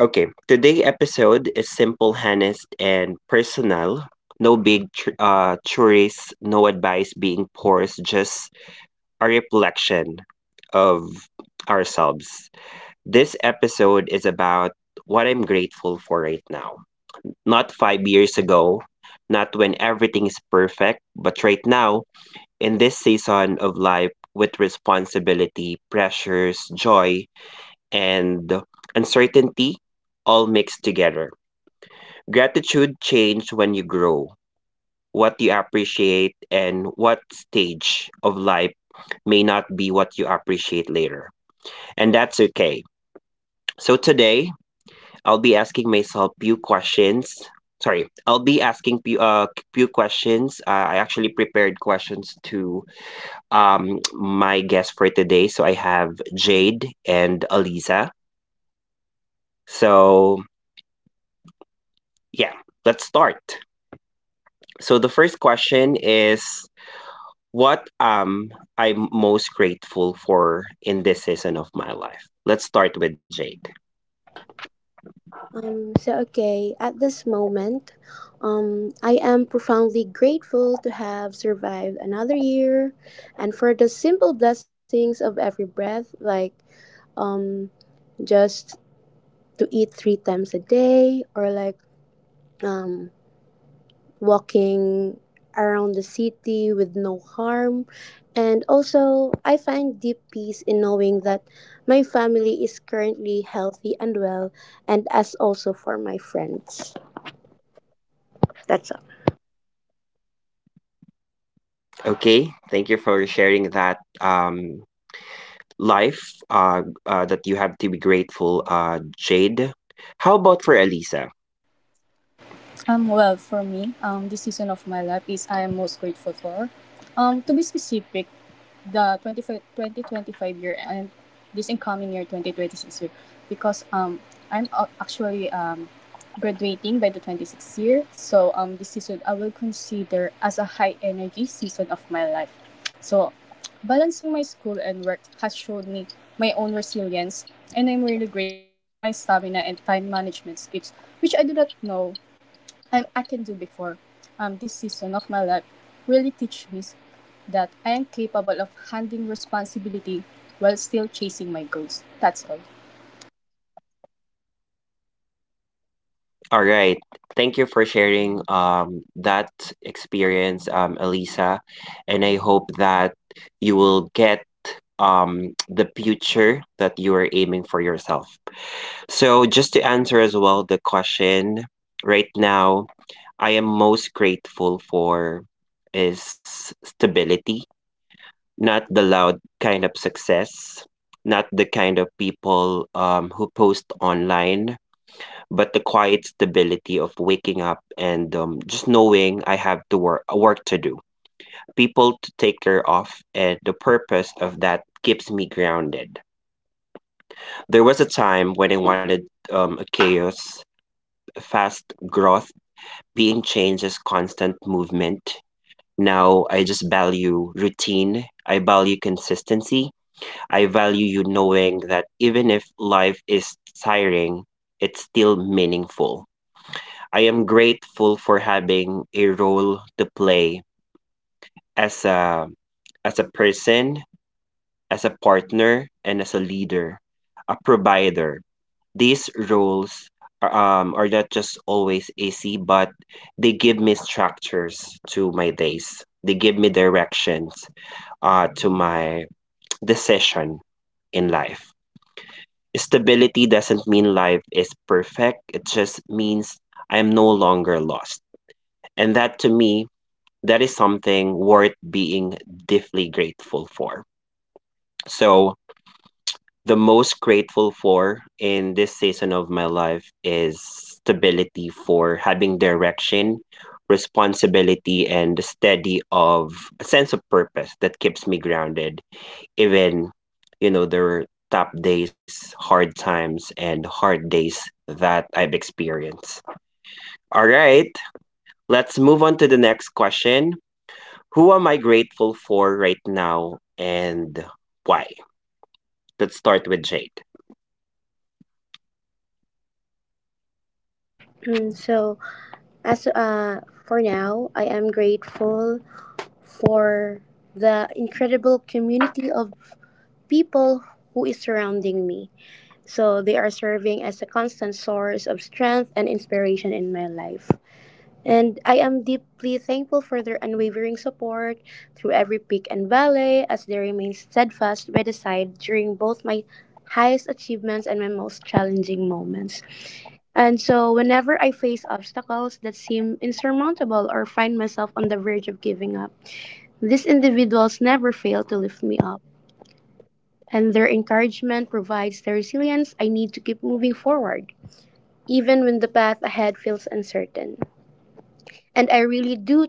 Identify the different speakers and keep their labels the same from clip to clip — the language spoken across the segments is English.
Speaker 1: Okay, today episode is simple, honest, and personal. No big theories, no advice being forced, just a reflection of ourselves. This episode is about what I'm grateful for right now. Not 5 years ago, not when everything is perfect, but right now, in this season of life with responsibility, pressures, joy, and uncertainty all mixed together. Gratitude changes when you grow. What you appreciate and what stage of life may not be what you appreciate later. And that's okay. So today, I'll be asking myself few questions. Sorry, I'll be asking few questions. I actually prepared questions to my guests for today. So I have Jade and Aliza. So, yeah, let's start. So the first question is: what am I most grateful for in this season of my life? Let's start with Jade.
Speaker 2: So okay, at this moment, I am profoundly grateful to have survived another year and for the simple blessings of every breath, like um, just to eat 3 times a day or like um, walking around the city with no harm. And also, I find deep peace in knowing that my family is currently healthy and well, and as also for my friends. That's.
Speaker 1: Okay, thank you for sharing that life that you have to be grateful, Jade. How about for Elisa?
Speaker 3: Well, for me, this season of my life is I am most grateful for. To be specific, the twenty twenty 25 year and this incoming year, 2026-year, because I'm actually graduating by the 26th year. So this season I will consider as a high energy season of my life. So balancing my school and work has showed me my own resilience, and I'm really grateful for my stamina and time management skills, which I do not know and I can do before. This season of my life really teach me that I am capable of handling responsibility while still chasing my goals. That's all.
Speaker 1: All right. Thank you for sharing that experience, Elisa. And I hope that you will get the future that you are aiming for yourself. So, just to answer as well the question right now, I am most grateful for is stability, not the loud kind of success, not the kind of people who post online, but the quiet stability of waking up and just knowing I have to work to do, people to take care of, and the purpose of that keeps me grounded. There was a time when I wanted a chaos, fast growth, being changed is constant movement. Now I just value routine. I value consistency. I value you knowing that even if life is tiring, it's still meaningful. I am grateful for having a role to play as a as a person, as a partner, and as a leader, a provider. These roles are not just always easy, but they give me structures to my days. They give me directions to my decision in life. Stability doesn't mean life is perfect. It just means I am no longer lost. And that to me, that is something worth being deeply grateful for. So, the most grateful for in this season of my life is stability, for having direction, responsibility, and the steady of a sense of purpose that keeps me grounded, even, there were tough days, hard times, and hard days that I've experienced. All right, let's move on to the next question. Who am I grateful for right now and why? Let's start with Jade.
Speaker 2: So, as for now, I am grateful for the incredible community of people who is surrounding me. So, they are serving as a constant source of strength and inspiration in my life. And I am deeply thankful for their unwavering support through every peak and valley as they remain steadfast by the side during both my highest achievements and my most challenging moments. And so, whenever I face obstacles that seem insurmountable or find myself on the verge of giving up, these individuals never fail to lift me up. And their encouragement provides the resilience I need to keep moving forward, even when the path ahead feels uncertain. And I really do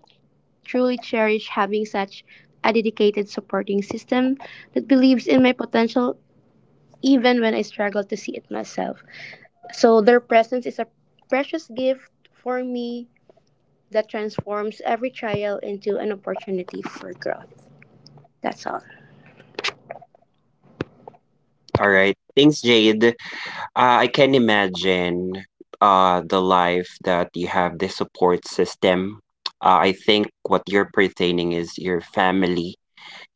Speaker 2: truly cherish having such a dedicated supporting system that believes in my potential even when I struggle to see it myself. So their presence is a precious gift for me that transforms every trial into an opportunity for growth. That's all.
Speaker 1: All right. Thanks, Jade. I can imagine the life that you have, the support system. I think what you're pertaining is your family,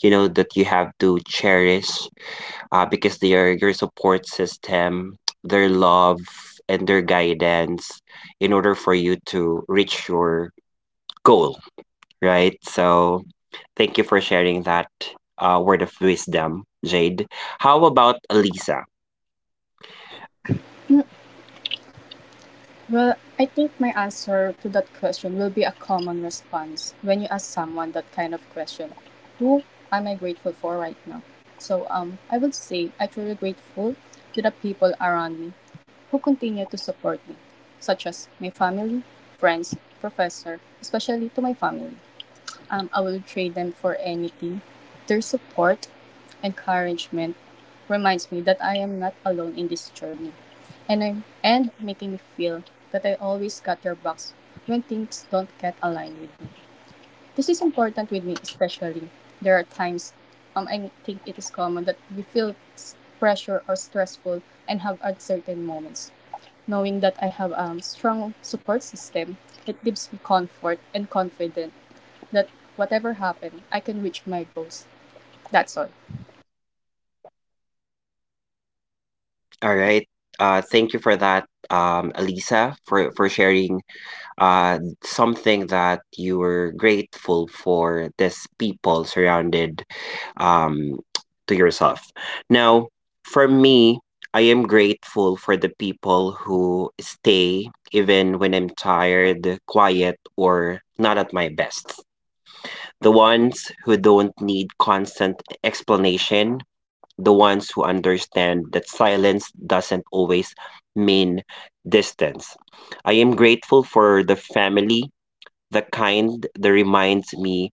Speaker 1: that you have to cherish because they are your support system, their love, and their guidance in order for you to reach your goal, right? So thank you for sharing that word of wisdom, Jade. How about Alisa?
Speaker 3: Well, I think my answer to that question will be a common response when you ask someone that kind of question. Who am I grateful for right now? So I would say I truly grateful to the people around me who continue to support me, such as my family, friends, professor, especially to my family. I will trade them for anything. Their support, encouragement, reminds me that I am not alone in this journey, and making me feel that I always got their backs when things don't get aligned with me. This is important with me, especially there are times, I think it is common that we feel pressure or stressful and have uncertain moments. Knowing that I have a strong support system, it gives me comfort and confidence that whatever happened, I can reach my goals. That's all.
Speaker 1: All right. Thank you for that, Alisa, for sharing something that you were grateful for, this people surrounded um, to yourself. Now, for me, I am grateful for the people who stay even when I'm tired, quiet, or not at my best. The ones who don't need constant explanation, the ones who understand that silence doesn't always mean distance. I am grateful for the family, the kind that reminds me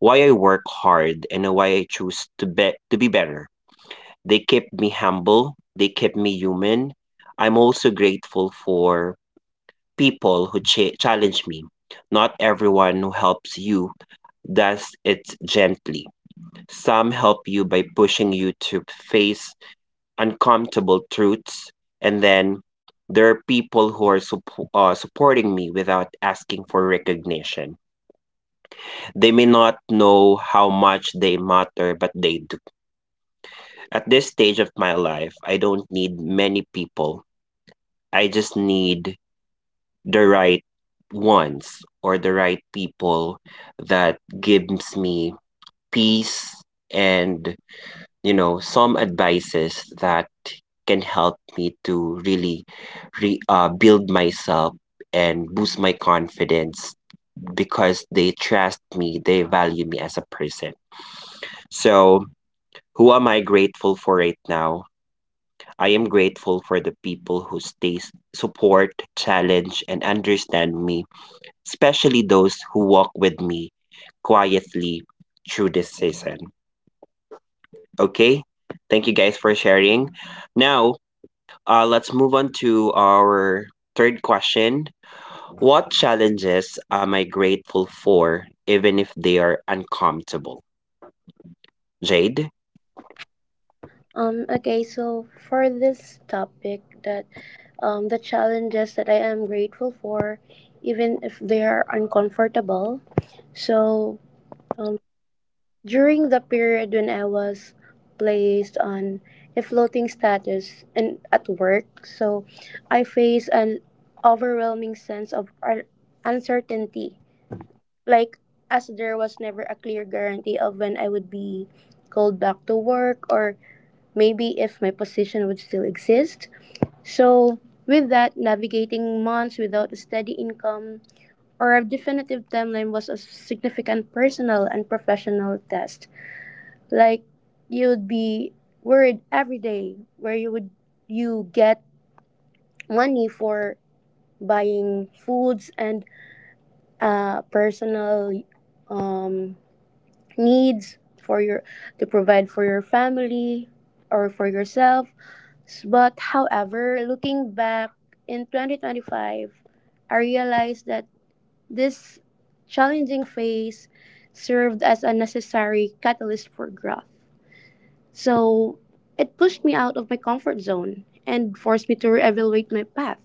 Speaker 1: why I work hard and why I choose to be better. They kept me humble, they kept me human. I'm also grateful for people who challenge me. Not everyone who helps you does it gently; some help you by pushing you to face uncomfortable truths. And then there are people who are supporting me without asking for recognition. They may not know how much they matter, but they do. At this stage of my life, I don't need many people. I just need the right ones, or the right people that gives me peace, and some advices that can help me to really build myself and boost my confidence because they trust me, they value me as a person. So, who am I grateful for right now? I am grateful for the people who stay, support, challenge, and understand me, especially those who walk with me quietly through this season. Okay? Thank you guys for sharing. Now, let's move on to our third question. What challenges am I grateful for, even if they are uncomfortable? Jade,
Speaker 2: Okay, so for this topic that the challenges that I am grateful for even if they are uncomfortable. So um. During the period when I was placed on a floating status and at work, so I faced an overwhelming sense of uncertainty. Like, as there was never a clear guarantee of when I would be called back to work or maybe if my position would still exist. So, with that, navigating months without a steady income or a definitive timeline was a significant personal and professional test. Like you'd be worried every day where you get money for buying foods and personal um, needs for your to provide for your family or for yourself. But however, looking back in 2025, I realized that this challenging phase served as a necessary catalyst for growth. So it pushed me out of my comfort zone and forced me to reevaluate my path.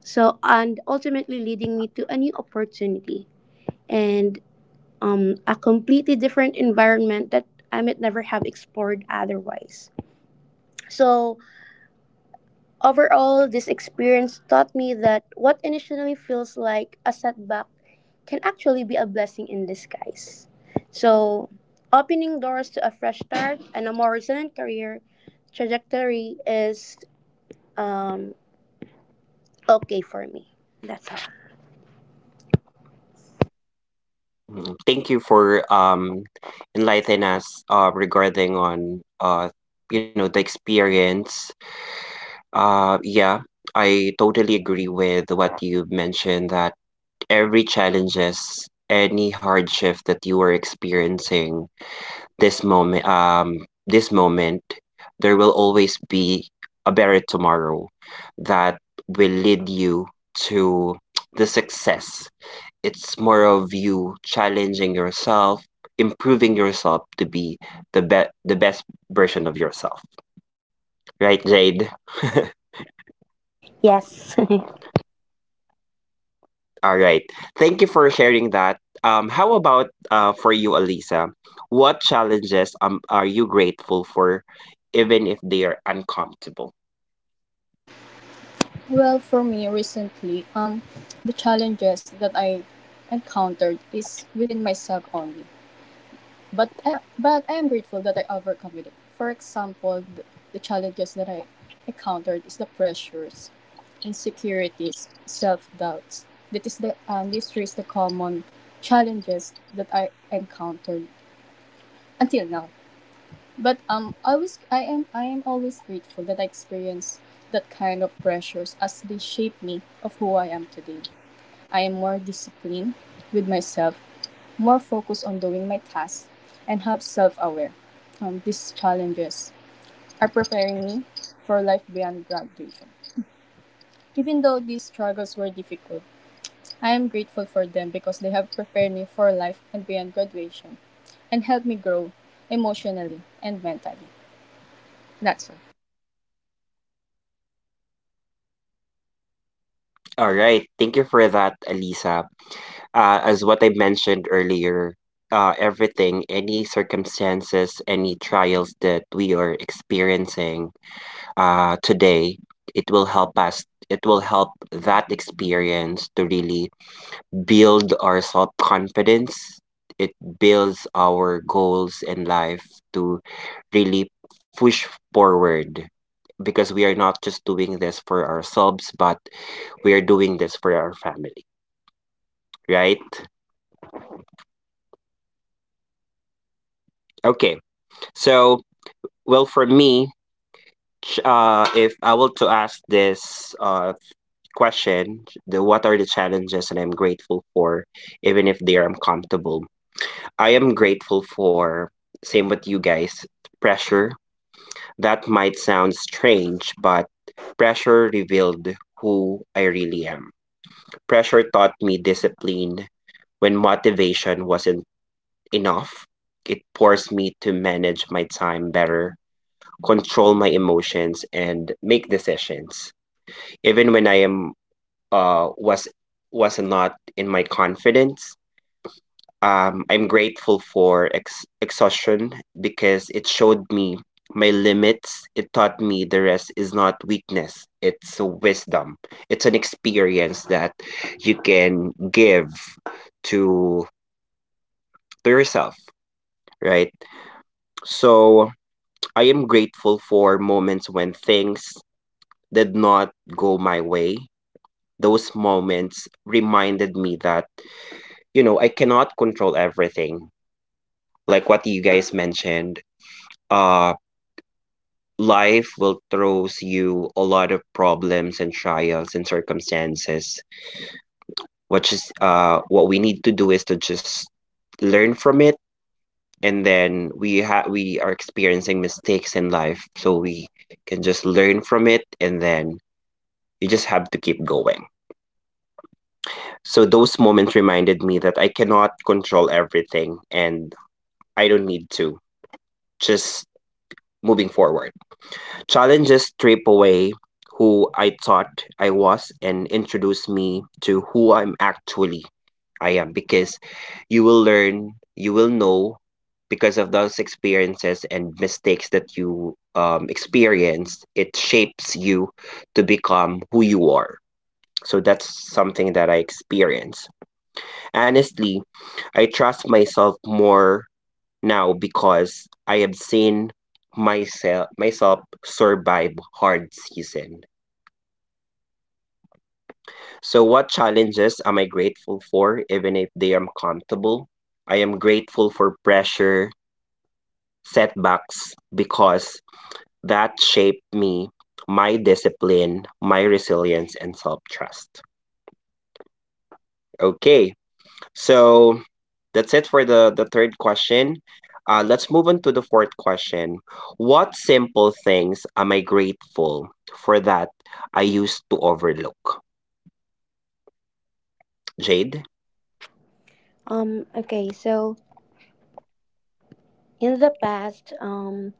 Speaker 2: So, and ultimately leading me to a new opportunity and a completely different environment that I might never have explored otherwise. So, overall, this experience taught me that what initially feels like a setback can actually be a blessing in disguise. So, opening doors to a fresh start and a more resilient career trajectory is um, okay for me. That's all.
Speaker 1: thank you for enlightening us regarding on the experience. Yeah, I totally agree with what you mentioned that every challenges, any hardship that you are experiencing this moment um this moment, there will always be a better tomorrow that will lead you to the success. It's more of you challenging yourself, improving yourself to be the best version of yourself, right, Jade?
Speaker 2: Yes.
Speaker 1: All right, thank you for sharing that. How about for you, Alisa, what challenges are you grateful for even if they are uncomfortable?
Speaker 3: Well, for me recently, the challenges that I encountered is within myself only. But I am grateful that I overcome it. For example, the challenges that I encountered is the pressures, insecurities, self doubts. That is the These three is the common challenges that I encountered until now. But I am always grateful that I experienced that kind of pressures as they shape me of who I am today. I am more disciplined with myself, more focused on doing my tasks, and have self-aware. These challenges are preparing me for life beyond graduation. Even though these struggles were difficult, I am grateful for them because they have prepared me for life and beyond graduation and helped me grow emotionally and mentally. That's all.
Speaker 1: All right. Thank you for that, Elisa. As what I mentioned earlier, everything, any circumstances, any trials that we are experiencing today, it will help us. It will help that experience to really build our self confidence. It builds our goals in life to really push forward because we are not just doing this for ourselves, but we are doing this for our family, right? Okay. So, well, for me, if I were to ask this question, the what are the challenges that I'm grateful for, even if they are uncomfortable? I am grateful for, same with you guys, pressure. That might sound strange, but pressure revealed who I really am. Pressure taught me discipline, when motivation wasn't enough, it forced me to manage my time better, control my emotions, and make decisions. Even when I am uh was was not in my confidence, I'm grateful for exhaustion because it showed me my limits. It taught me the rest is not weakness; it's a wisdom. It's an experience that you can give to to yourself, right? So I am grateful for moments when things did not go my way. Those moments reminded me that, I cannot control everything. Like what you guys mentioned, uh, life will throws you a lot of problems and trials and circumstances. Which is, what we need to do is to just learn from it, and then we are experiencing mistakes in life, so we can just learn from it, and then you just have to keep going. So those moments reminded me that I cannot control everything, and I don't need to. Just moving forward. Challenges strip away who I thought I was and introduce me to who I am, because you will learn, you will know because of those experiences and mistakes that you experienced, it shapes you to become who you are. So that's something that I experience. Honestly, I trust myself more now because I have seen myself survive hard season. So what challenges am I grateful for, even if they are comfortable? I am grateful for pressure, setbacks, because that shaped me, my discipline, my resilience, and self-trust. Okay. So that's it for the third question. Let's move on to the fourth question. What simple things am I grateful for that I used to overlook? Jade?
Speaker 2: Okay, so in the past,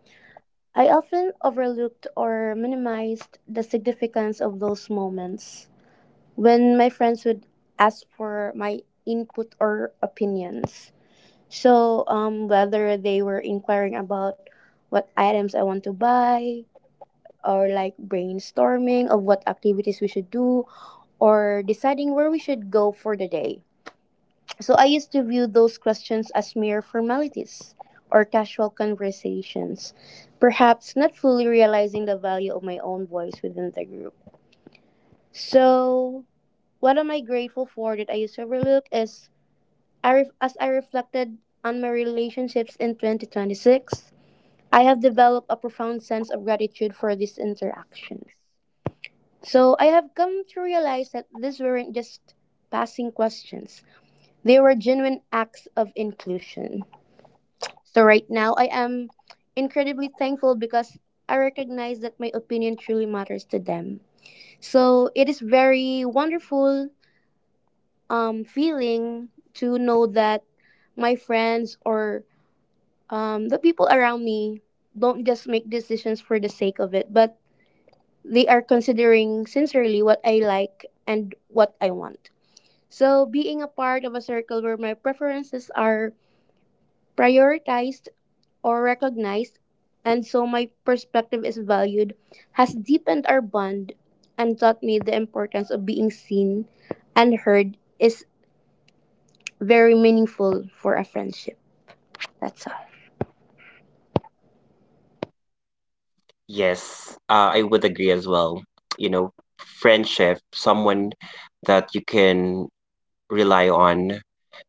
Speaker 2: I often overlooked or minimized the significance of those moments when my friends would ask for my input or opinions. So, whether they were inquiring about what items I want to buy, or like brainstorming of what activities we should do, or deciding where we should go for the day. So, I used to view those questions as mere formalities or casual conversations, perhaps not fully realizing the value of my own voice within the group. So, what am I grateful for that I used to overlook is as I reflected on my relationships in 2026, I have developed a profound sense of gratitude for these interactions. So I have come to realize that these weren't just passing questions. They were genuine acts of inclusion. So right now I am incredibly thankful because I recognize that my opinion truly matters to them. So it is very wonderful feeling to know that my friends or the people around me don't just make decisions for the sake of it, but they are considering sincerely what I like and what I want. So, being a part of a circle where my preferences are prioritized or recognized, and so my perspective is valued, has deepened our bond and taught me the importance of being seen and heard is very meaningful for a friendship. That's all.
Speaker 1: Yes, I would agree as well. You know, Friendship, someone that you can rely on,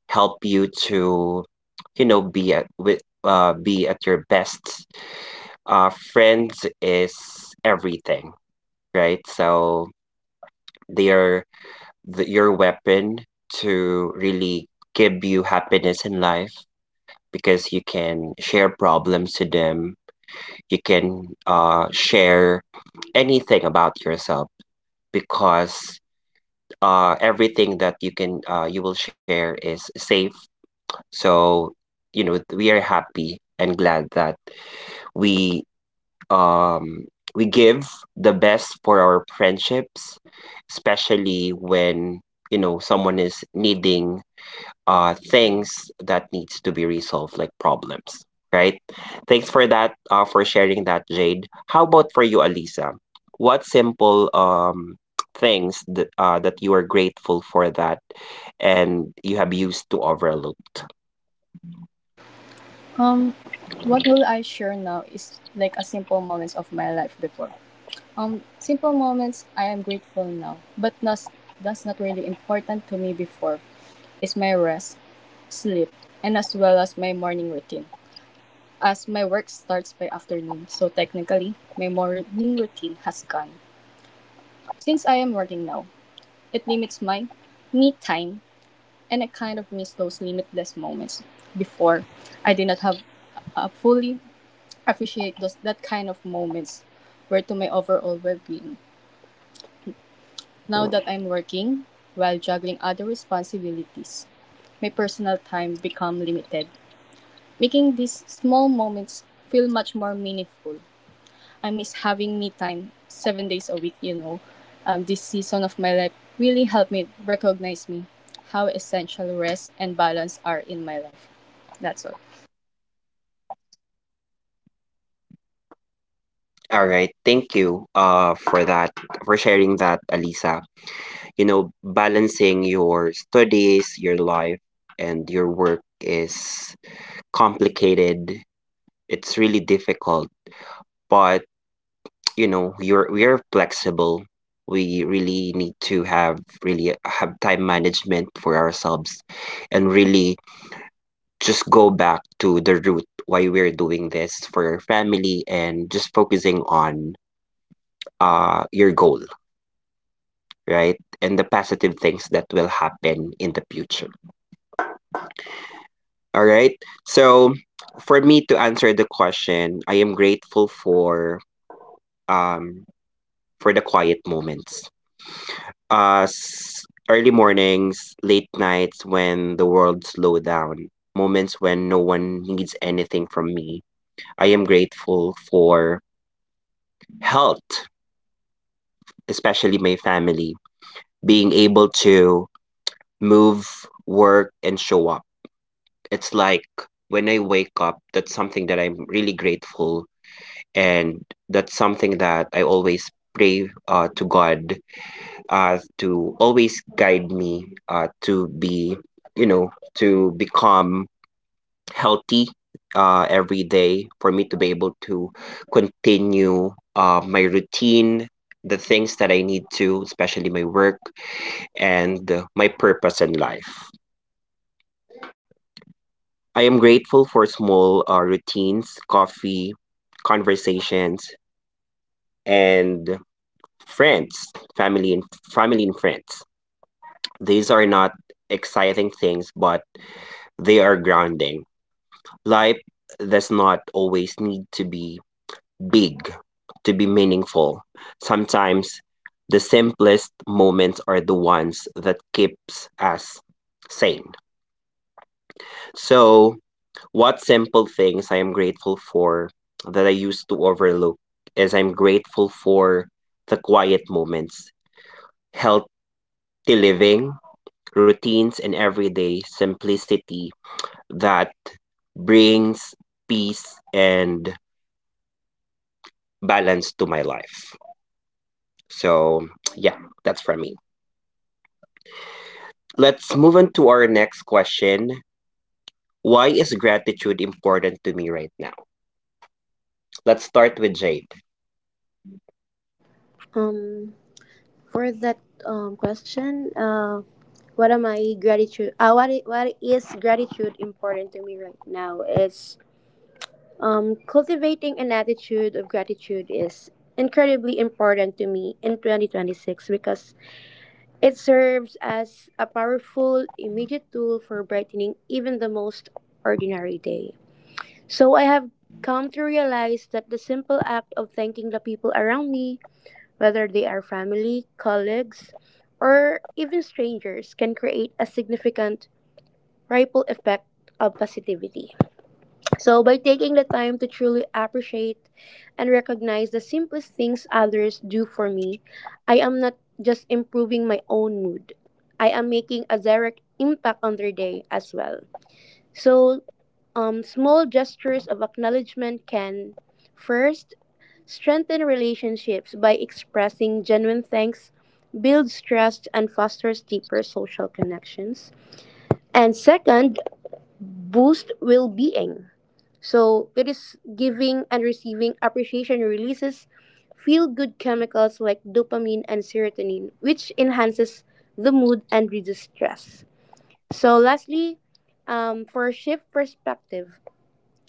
Speaker 1: help you to, be at your best. Friends is everything, right? So they are your weapon to really give you happiness in life, because you can share problems to them, you can share anything about yourself, because everything that you will share is safe, so we are happy and glad that we um we give the best for our friendships, especially when someone is needing things that needs to be resolved, like problems, right? Thanks for that, for sharing that, Jade. How about for you, Alisa? What simple things that you are grateful for, that and you have used to overlooked.
Speaker 3: Um, what will I share now is like a simple moments of my life before. Simple moments I am grateful now, but that's not really important to me before. Is my rest, sleep, and as well as my morning routine. As my work starts by afternoon, so technically my morning routine has gone. Since I am working now, it limits my me time, and I kind of miss those limitless moments. Before, I did not have a fully appreciate those that kind of moments were to my overall well-being. Now that I'm working while juggling other responsibilities, my personal time become limited, making these small moments feel much more meaningful. I miss having me time 7 days a week. This season of my life really helped me recognize me how essential rest and balance are in my life. That's all.
Speaker 1: All right, thank you for that, for sharing that, Alisa. Balancing your studies, your life, and your work is complicated. It's really difficult, but you know you're we are flexible. We really need to have time management for ourselves and really just go back to the root why we're doing this, for your family, and just focusing on your goal, right, and the positive things that will happen in the future. All right, so for me to answer the question, I am grateful for, um for the quiet moments, early mornings, late nights when the world slow down, moments when no one needs anything from me. I am grateful for health, especially my family, being able to move, work and show up. It's like when I wake up, that's something that I'm really grateful, and that's something that I always pray, to God, to always guide me, to be, you know, to become healthy every day, for me to be able to continue my routine, the things that I need to, especially my work and my purpose in life. I am grateful for small routines, coffee, conversations, and friends, family and family and friends. These are not exciting things, but they are grounding. Life does not always need to be big to be meaningful. Sometimes the simplest moments are the ones that keeps us sane. So, what simple things I am grateful for that I used to overlook is I'm grateful for the quiet moments, healthy living, routines and everyday simplicity that brings peace and balance to my life. So, yeah, that's for me. Let's move on to our next question. Why is gratitude important to me right now? Let's start with Jade.
Speaker 2: Um, for that question, what am I gratitude? What is gratitude important to me right now is cultivating an attitude of gratitude is incredibly important to me in 2026 because it serves as a powerful immediate tool for brightening even the most ordinary day. So I have come to realize that the simple act of thanking the people around me, whether they are family, colleagues, or even strangers, can create a significant ripple effect of positivity. So, by taking the time to truly appreciate and recognize the simplest things others do for me, I am not just improving my own mood, I am making a direct impact on their day as well. So, small gestures of acknowledgement can, first, strengthen relationships by expressing genuine thanks, builds trust, and fosters deeper social connections. And second, boost well being. So it is giving and receiving appreciation releases feel good chemicals like dopamine and serotonin, which enhances the mood and reduces stress. So, lastly, for shift perspective,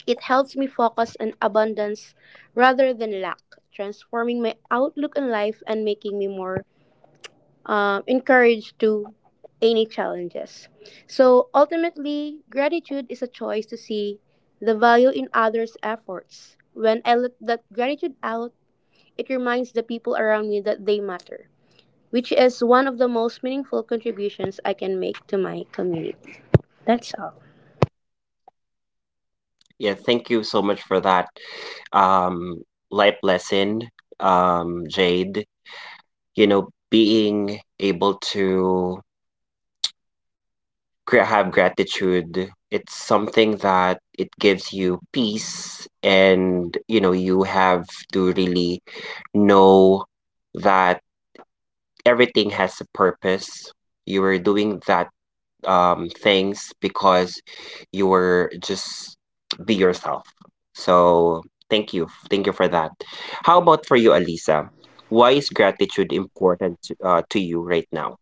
Speaker 2: it helps me focus on abundance rather than lack, transforming my outlook on life and making me more encouraged to any challenges. So ultimately, gratitude is a choice to see the value in others' efforts. When I let that gratitude out, it reminds the people around me that they matter, which is one of the most meaningful contributions I can make to my community. That's all.
Speaker 1: Yeah, thank you so much for that um life lesson, Jade. You know, being able to have gratitude, it's something that it gives you peace, and you know you have to really know that everything has a purpose. You were doing that things because you were just be yourself. So thank you for that. How about for you, Alisa? Why is gratitude important to you right now?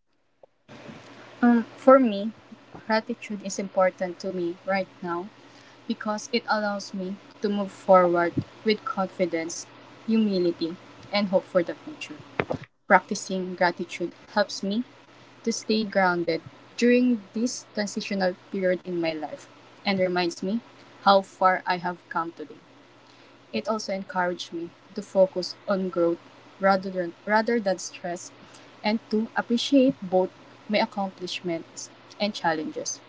Speaker 3: For me, gratitude is important to me right now because it allows me to move forward with confidence, humility, and hope for the future. Practicing gratitude helps me to stay grounded during this transitional period in my life and reminds me how far I have come today. It also encouraged me to focus on growth rather than stress and to appreciate both my accomplishments and challenges.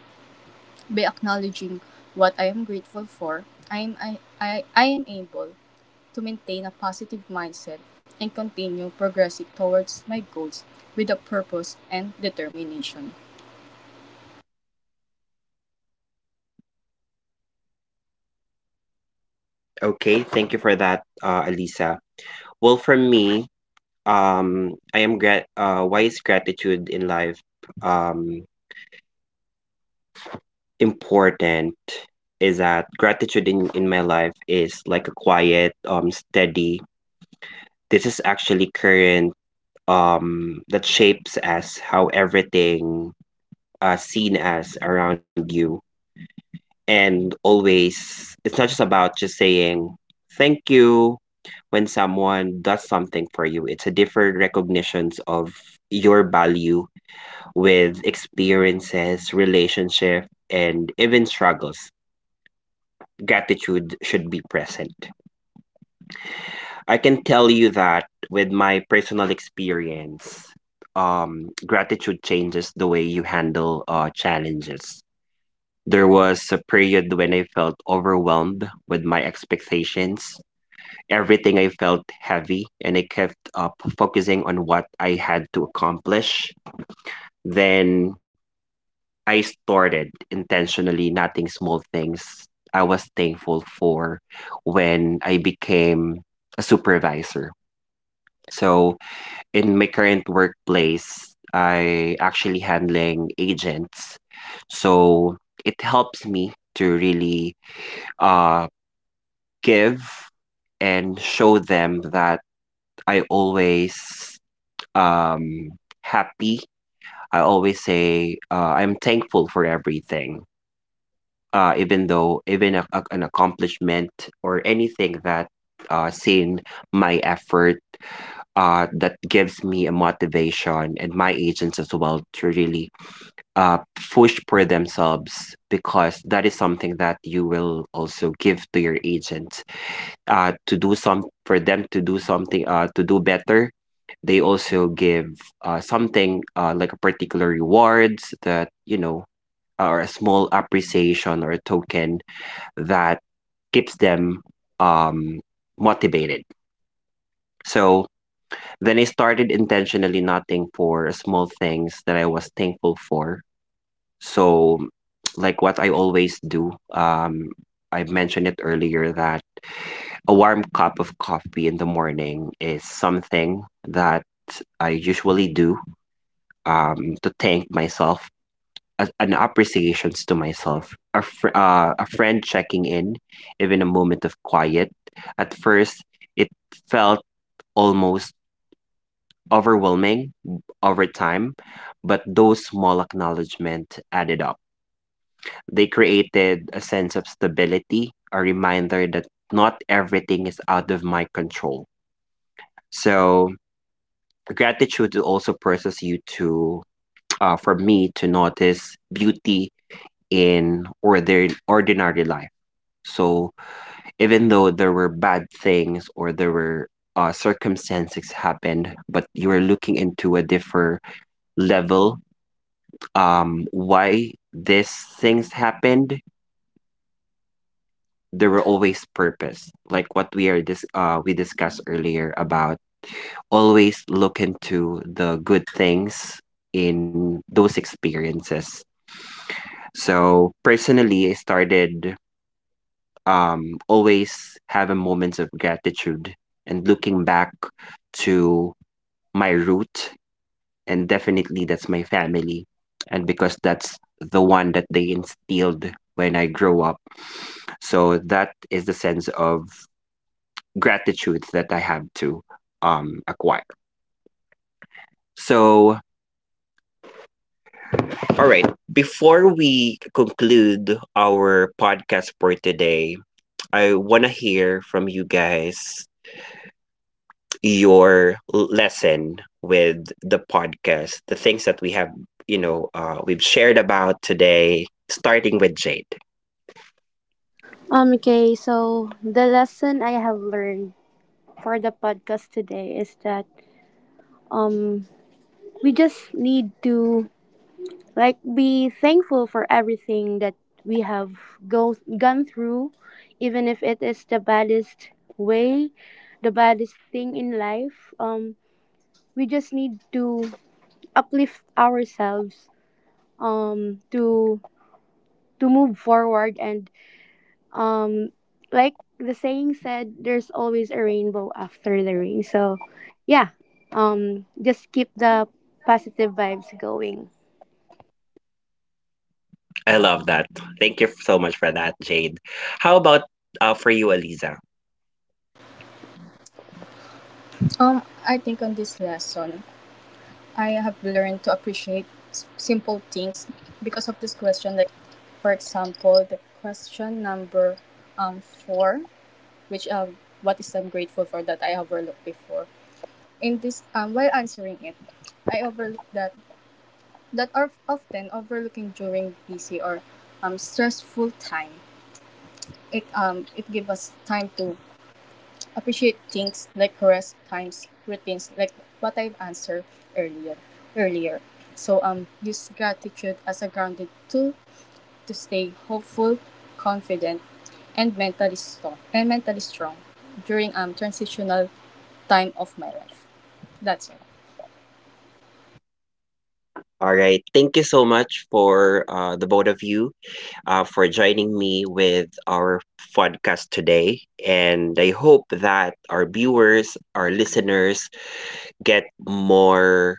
Speaker 3: By acknowledging what I am grateful for, I am able to maintain a positive mindset and continue progressing towards my goals with a purpose and determination.
Speaker 1: Okay, thank you for that, Alisa. Well, for me, I am grat why is gratitude in life, um important, is that gratitude in my life is like a quiet, steady. This is actually current that shapes as how everything seen as around you. And always, it's not just about just saying thank you when someone does something for you. It's a different recognitions of your value with experiences, relationship, and even struggles. Gratitude should be present. I can tell you that with my personal experience, gratitude changes the way you handle challenges. There was a period when I felt overwhelmed with my expectations. Everything I felt heavy, and I kept up focusing on what I had to accomplish. Then I started intentionally, nothing small things I was thankful for, when I became a supervisor. So in my current workplace, I actually handling agents. So it helps me to really uh, give and show them that I always um happy. I always say, I'm thankful for everything. Even though even an accomplishment or anything that seen my effort, that gives me a motivation, and my agents as well, to really uh, push for themselves, because that is something that you will also give to your agents, to do something, to do better. They also give something, like a particular rewards, that, you know, or a small appreciation or a token that keeps them um, motivated. So then I started intentionally nothing for small things that I was thankful for. So, like what I always do, I mentioned it earlier that a warm cup of coffee in the morning is something that I usually do, to thank myself, as an appreciations to myself. A, a friend checking in, even a moment of quiet. At first, it felt almost overwhelming over time, but those small acknowledgement added up. They created a sense of stability, a reminder that not everything is out of my control. So gratitude also process you to for me to notice beauty in order ordinary life. So even though there were bad things, or there were circumstances happened, but you are looking into a different level, why these things happened, there were always purpose, like what we are we discussed earlier about: always look into the good things in those experiences. So personally, I started always having moments of gratitude and looking back to my root, and definitely that's my family, and because that's the one that they instilled when I grow up. So that is the sense of gratitude that I have to acquire. So, all right, before we conclude our podcast for today, I want to hear from you guys your lesson with the podcast, the things that we have, you know, we've shared about today, starting with Jade.
Speaker 2: Okay, so the lesson I have learned for the podcast today is that um we just need to like be thankful for everything that we have go gone through, even if it is the baddest way the baddest thing in life. We just need to uplift ourselves um to to move forward. And Um, like the saying said, there's always a rainbow after the rain. So, yeah, just keep the positive vibes going.
Speaker 1: I love that. Thank you so much for that, Jade. How about for you, Aliza?
Speaker 3: Um, I think on this lesson, I have learned to appreciate simple things because of this question. Like, for example, the question number four, which what is I'm grateful for that I overlooked before. In this While answering it, I overlooked that are often overlooking during busy or stressful time. It gives us time to appreciate things like rest times, routines like what I've answered earlier earlier. So use gratitude as a grounding tool to stay hopeful, confident, and mentally strong during transitional time of my life. That's it.
Speaker 1: All right. Thank you so much for, the both of you, for joining me with our podcast today. And I hope that our viewers, our listeners, get more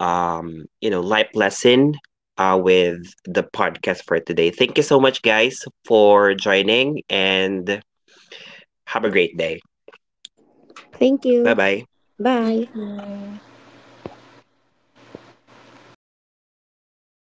Speaker 1: you know, life lesson, with the podcast for today. Thank you so much, guys, for joining, and have a great day.
Speaker 2: Thank
Speaker 1: Bye
Speaker 2: you.
Speaker 1: bye.
Speaker 3: Thank
Speaker 2: Bye.
Speaker 3: you.